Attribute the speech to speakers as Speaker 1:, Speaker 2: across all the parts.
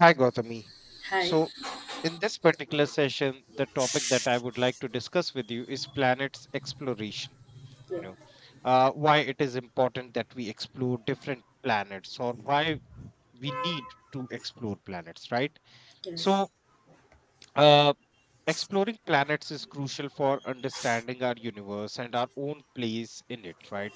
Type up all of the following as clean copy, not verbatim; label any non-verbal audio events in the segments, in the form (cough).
Speaker 1: Hi, Gautami.
Speaker 2: Hi.
Speaker 1: So, in this particular session, the topic that I would like to discuss with you is planets exploration. You
Speaker 2: Yeah.
Speaker 1: know, why it is important that we explore different planets, or why we need to explore planets, right?
Speaker 2: Yeah.
Speaker 1: So, uh, Exploring planets is crucial for understanding our universe and our own place in it, right?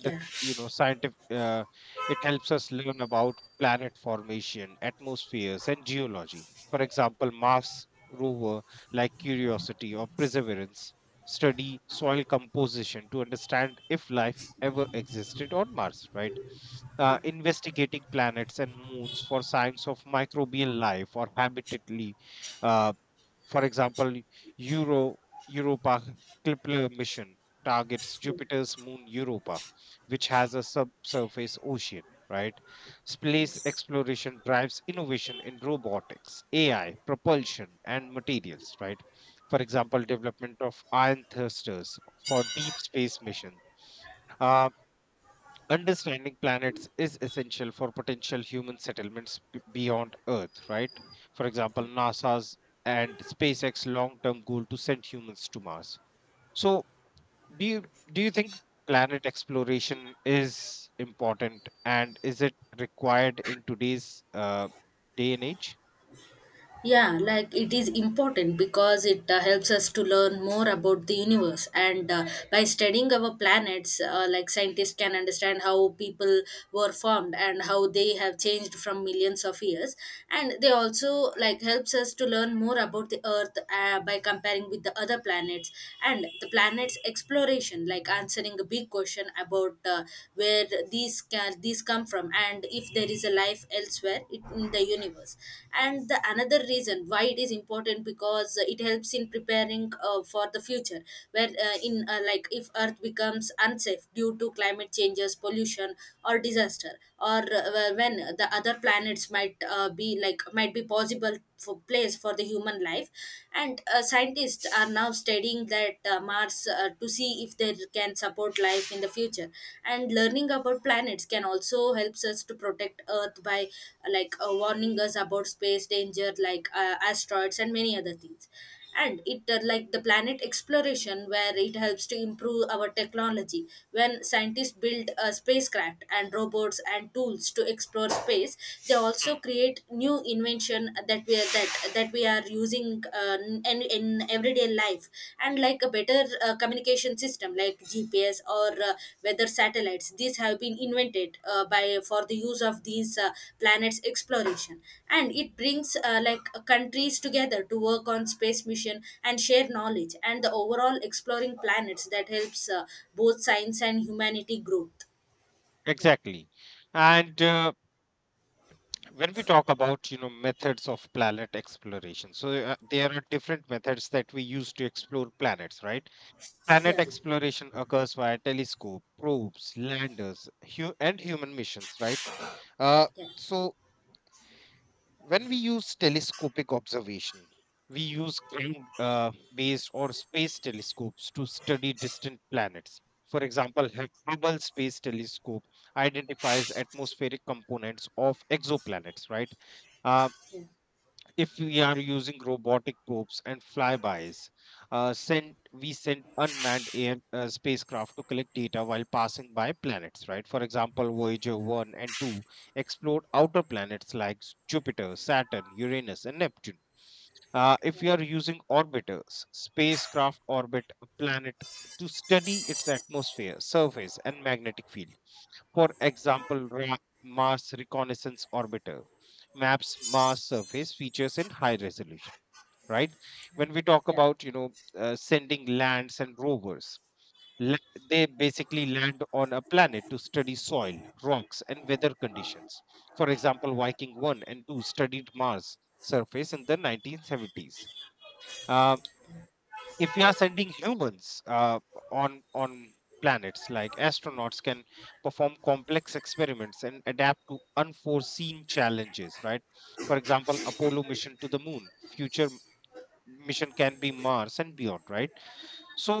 Speaker 1: The
Speaker 2: Yeah.
Speaker 1: you know scientific It helps us learn about planet formation, atmospheres, and geology. For example, Mars rover like Curiosity or Perseverance study soil composition to understand if life ever existed on Mars, right?
Speaker 2: Yeah.
Speaker 1: Investigating planets and moons for signs of microbial life or habitatly, for example, Euro Europa Kepler mission targets Jupiter's moon Europa, which has a subsurface ocean, right? Space
Speaker 2: Yes.
Speaker 1: exploration drives innovation in robotics, AI, propulsion, and materials, right? For example, development of ion thrusters for deep space mission. uh, Understanding planets is essential for potential human settlements beyond Earth, right? For example, NASA's and SpaceX long-term goal to send humans to Mars. So, do you do you think planet exploration is important and is it required in today's day and age?
Speaker 2: Yeah, like it is important because it helps us to learn more about the universe. And By studying our planets, like scientists can understand how people were formed and how they have changed from millions of years. And they also like helps us to learn more about the Earth, by comparing with the other planets, and the planets exploration, like answering a big question about where these come from, and if there is a life elsewhere in the universe. And the another reason why it is important, because it helps in preparing for the future, where in like if earth becomes unsafe due to climate changes, pollution or disaster, or when the other planets might be like might be possible for place for the human life. And scientists are now studying that mars, to see if they can support life in the future. And learning about planets can also helps us to protect earth by warning us about space danger, like asteroids and many other things. And it like the planet exploration, where it helps to improve our technology when scientists build spacecraft and robots and tools to explore space. They also
Speaker 1: Hmm.
Speaker 2: create new invention that we are using in everyday life, and like a better communication navigation system like GPS, or weather satellites. These have been invented by for the use of these planets exploration, and it brings countries together to work on space mission and share knowledge, and the overall exploring planets that helps both science and humanity growth. Yeah,
Speaker 1: Exactly. And when we talk about methods of planet exploration, so there are different methods that we use to explore planets, right? Planet
Speaker 2: yeah,
Speaker 1: exploration occurs via telescope, probes, landers, and human missions, right? Uh,
Speaker 2: yeah,
Speaker 1: so, when we use telescopic observation, we use ground based or space telescopes to study distant planets. For example, Hubble Space Telescope identifies atmospheric components of exoplanets, right? Uh,
Speaker 2: yeah,
Speaker 1: if we are using robotic probes and flybys, send we send unmanned air spacecraft to collect data while passing by planets, right? For example, Voyager one and two explored outer planets like Jupiter, Saturn, Uranus, and Neptune. If
Speaker 2: yeah.
Speaker 1: we are using orbiters, spacecraft orbit a planet to study its atmosphere, surface, and magnetic field. For example, Mars Reconnaissance Orbiter maps Mars surface features in high resolution, right? When we talk
Speaker 2: Yeah.
Speaker 1: about sending lands and rovers, they basically land on a planet to study soil, rocks, and weather conditions. For example, Viking 1 and 2 studied Mars surface in the 1970s. If we are sending humans on planets, like astronauts can perform complex experiments and adapt to unforeseen challenges, right? For example, Apollo mission to the moon. Future mission can be Mars and beyond, right? So,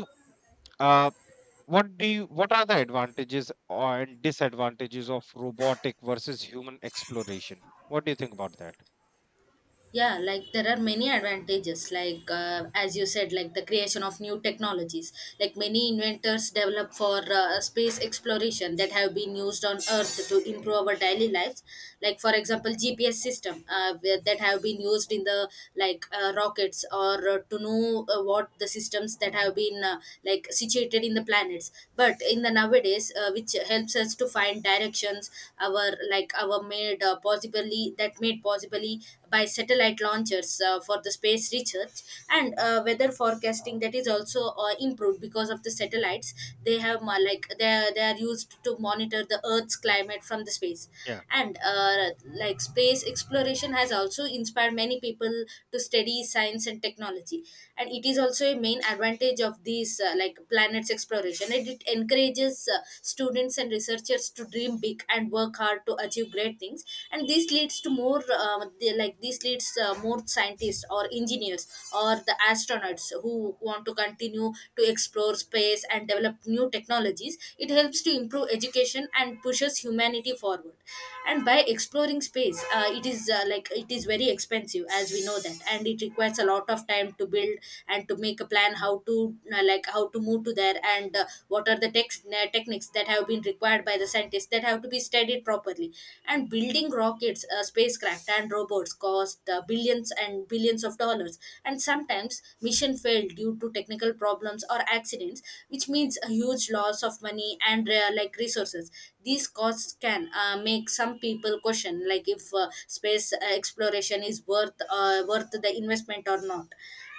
Speaker 1: uh, what do you what are the advantages or and disadvantages of robotic versus human exploration? What do you think about that?
Speaker 2: Yeah, like there are many advantages, like as you said, like the creation of new technologies, like many inventors develop for space exploration that have been used on earth to improve our daily lives. Like, for example, gps system, that have been used in the like rockets, or to know what the systems that have been like situated in the planets, but in the nowadays, which helps us to find directions, our like our made possibly, that made possibly by satellite launchers for the space research. And weather forecasting that is also improved because of the satellites. They have like they are used to monitor the earth's climate from the space.
Speaker 1: Yeah.
Speaker 2: And like space exploration has also inspired many people to study science and technology, and it is also a main advantage of these like planets exploration. And it encourages students and researchers to dream big and work hard to achieve great things. And this leads to more like this leads more scientists or engineers or the astronauts who want to continue to explore space and develop new technologies. It helps to improve education and pushes humanity forward. And by exploring space, it is like it is very expensive, as we know that, and it requires a lot of time to build and to make a plan how to like how to move to there. And what are the techniques mechanics that have been required by the scientists, that have to be studied properly. And building rockets, spacecraft and robots cost billions and billions of dollars. And sometimes mission failed due to technical problems or accidents, which means a huge loss of money and like resources. These costs can make some people question like if space exploration is worth the investment or not.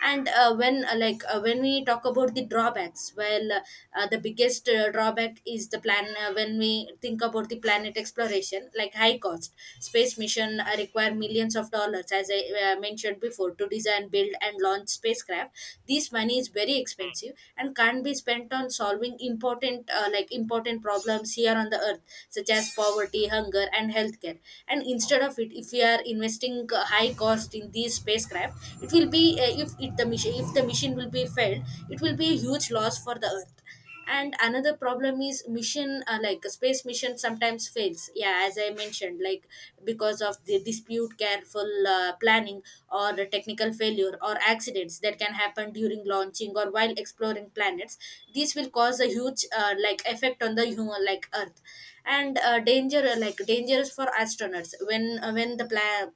Speaker 2: And when we talk about the drawbacks, well, the biggest drawback is the plan, when we think about the planet exploration, like high cost. Space mission require millions of dollars, as I mentioned before, to design build and launch spacecraft. This money is very expensive and can't be spent on solving important like important problems here on the earth, such as poverty, hunger and healthcare. And instead of it, if we are investing high cost in these spacecraft, it will be if the mission, if the mission will be failed, it will be a huge loss for the earth. And another problem is mission, like space mission sometimes fails, yeah, as I mentioned, like because of the dispute careful planning, or the technical failure or accidents that can happen during launching or while exploring planets. This will cause a huge like effect on the human like earth. And danger like dangerous for astronauts, when the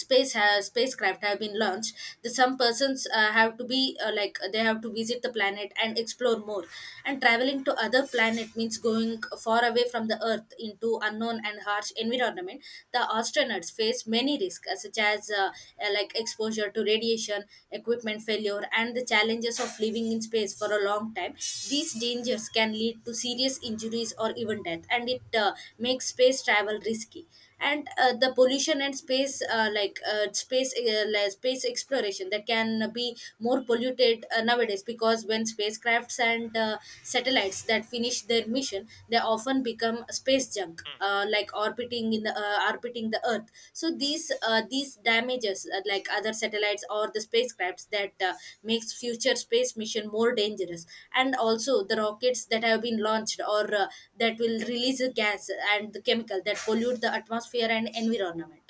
Speaker 2: space has spacecraft have been launched, the some persons have to be they have to visit the planet and explore more. And traveling to other planet means going far away from the earth into unknown and harsh environment. The astronauts face many risks, such as like exposure to radiation, equipment failure, and the challenges of living in space for a long time. These dangers can lead to serious injuries or even death, and it makes space travel risky. And the pollution and space like space like space exploration that can be more polluted nowadays, because when spacecrafts and satellites that finish their mission, they often become space junk,
Speaker 1: Mm.
Speaker 2: like orbiting in the orbiting the earth. So these damages like other satellites or the spacecrafts that makes future space mission more dangerous. And also the rockets that have been launched, or that will release a gas and the chemical that pollute the atmosphere and environment.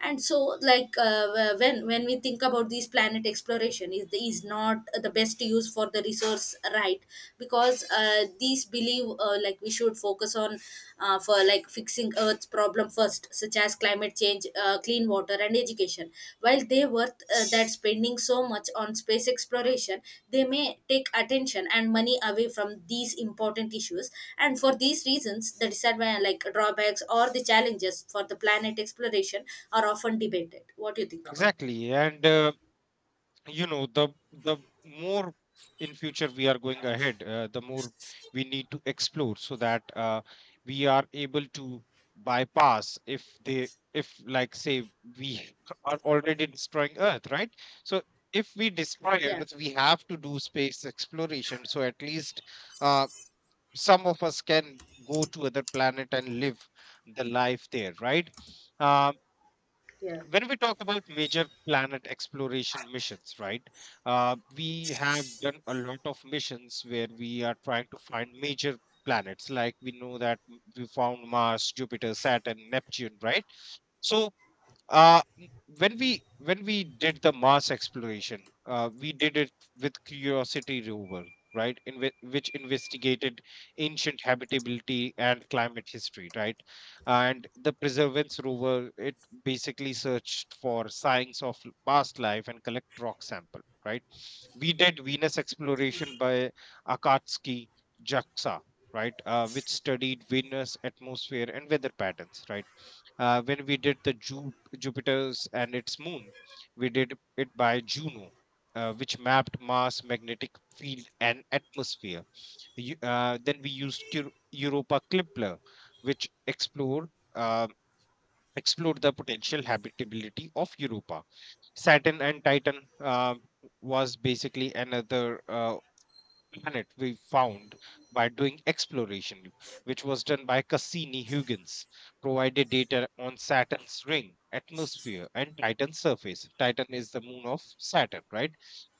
Speaker 2: And so, like uh, when we think about these planet exploration, is not the best use for the resource, right? Because these believe like we should focus on for like fixing Earth's problem first, such as climate change, clean water, and education. While they worth that spending so much on space
Speaker 1: Mm.
Speaker 2: exploration, they may take attention and money away from these important issues. And for these reasons, the disadvantages like drawbacks or the challenges for the planet exploration are often debated. What do you think about that?
Speaker 1: Exactly, and the more in future we are going ahead, the more we need to explore so that we are able to bypass. If they, if like say, we (laughs) are already destroying earth, right? So if we destroy
Speaker 2: Yeah,
Speaker 1: earth we have to do space exploration, so at least uh, some of us can go to other planet and live the life there, right? Uh,
Speaker 2: yeah,
Speaker 1: when we talk about major planet exploration missions, right? We have done a lot of missions where we are trying to find major planets. Like we know that we found Mars, Jupiter, Saturn, Neptune, right? So uh, n- when we did the Mars exploration, we did it with Curiosity rover, right? Which investigated ancient habitability and climate history, right? And the Preservance rover, it basically searched for signs of past life and collect rock sample, right? We did Venus exploration by Akatsuki Jaksa, right? Which studied Venus atmosphere and weather patterns, right? When we did the Jupiter's and its moon. We did it by Juno, which mapped Mars' magnetic field and atmosphere. Then we used Europa Kepler, which explored the potential habitability of Europa. Saturn and Titan was basically another planet we found by doing exploration, which was done by Cassini Huygens, provided data on Saturn's ring, atmosphere, and Titan's surface. Titan is the moon of Saturn, right?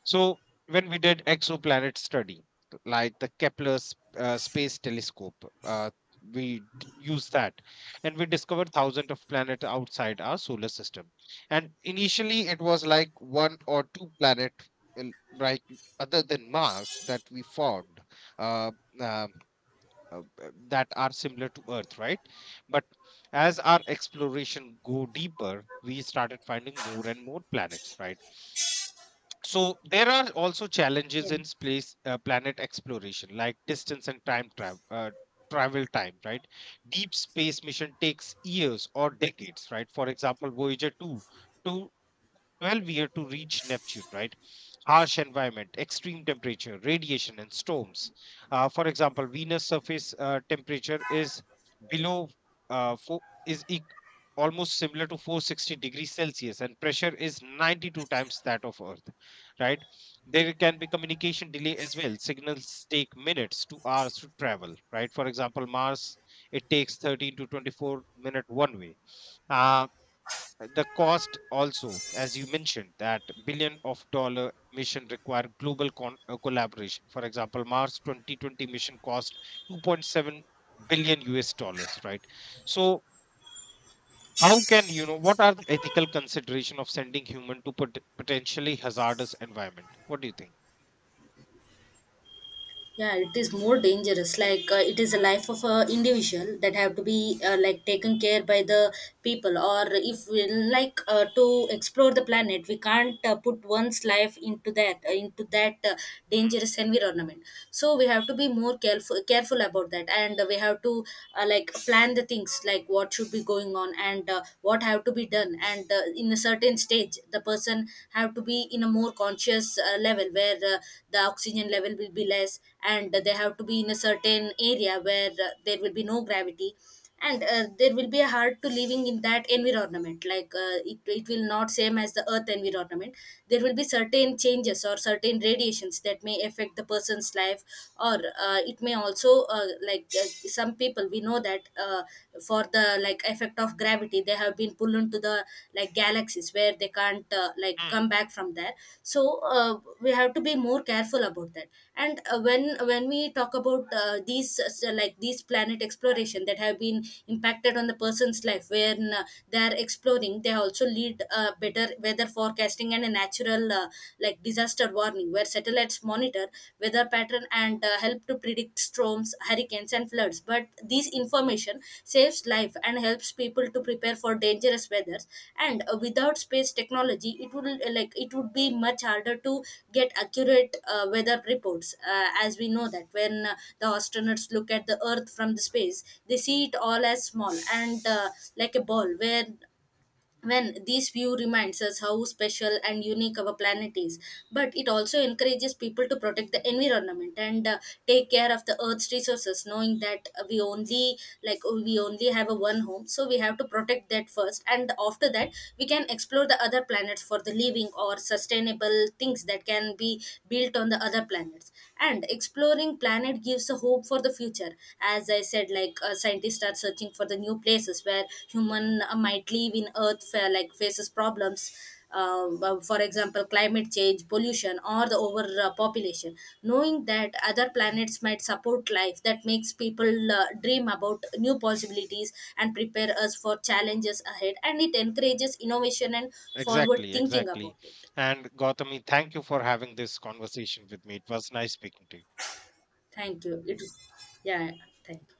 Speaker 1: So, when we did exoplanet study, like the Kepler Space Telescope, uh, we used that and we discovered thousands of planets outside our solar system. And initially, it was like one or two planet, right? Other than Mars that we formed, uh, um, uh, uh, that are similar to Earth, right? But as our exploration go deeper, we started finding more and more planets, right? So there are also challenges
Speaker 2: yeah.
Speaker 1: in space planet exploration, like distance and time travel. Travel time, right? Deep space mission takes years or decades, right? For example, Voyager 2 to 12 year to reach Neptune, right? Harsh environment, extreme temperature, radiation, and storms. For example, Venus surface temperature is below four, is eq- almost similar to 460 degrees Celsius, and pressure is 92 times that of Earth, right? There can be communication delay as well. Signals take minutes to hours to travel, right? For example, Mars, it takes 13 to 24 minute one way. Uh, the cost also, as you mentioned, that billion of dollar mission require global collaboration. For example, Mars 2020 mission cost 2.7 billion US dollars, right? So how can you know what are the ethical consideration of sending human to potentially hazardous environment? What do you think?
Speaker 2: Yeah, it is more dangerous, like it is a life of a individual that have to be like taken care by the people. Or if we like to explore the planet, we can't put one's life into that dangerous environment. So we have to be more careful about that, and we have to like plan the things like what should be going on, and what have to be done. And in a certain stage age, the person have to be in a more conscious level, where the oxygen level will be less, and they have to be in a certain area where there will be no gravity. And there will be a hard to living in that environment, like it will not same as the earth environment. There will be certain changes or certain radiations that may affect the person's life. Or it may also some people we know that for the like effect of gravity, they have been pulled into the like galaxies, where they can't like
Speaker 1: Mm.
Speaker 2: come back from there. So uh, we have to be more careful about that. And when we talk about like these planet exploration that have been impacted on the person's life, when they are exploring, they also lead better weather forecasting, and a natural like disaster warning, where satellites monitor weather pattern, and help to predict storms, hurricanes, and floods. But this information saves life and helps people to prepare for dangerous weathers. And without space technology, it would like it would be much harder to get accurate weather reports. As we know that, when the astronauts look at the Earth from the space, they see it all as small and like a ball, where when this view reminds us how special and unique our planet is. But it also encourages people to protect the environment, and take care of the earth's resources, knowing that we only like we only have a one home. So we have to protect that first, and after that we can explore the other planets for the living or sustainable things that can be built on the other planets. And exploring planet gives a hope for the future. As I said, like scientists are searching for the new places where human might live in earth like faces problems. For example, climate change, pollution, or the overpopulation. Knowing that other planets might support life, that makes people dream about new possibilities, and prepare us for challenges ahead, and it encourages innovation and forward
Speaker 1: Exactly,
Speaker 2: thinking
Speaker 1: exactly.
Speaker 2: about it.
Speaker 1: And Gautami, thank you for having this conversation with me. It was nice speaking to you.
Speaker 2: Thank you. It. Yeah. Thank you.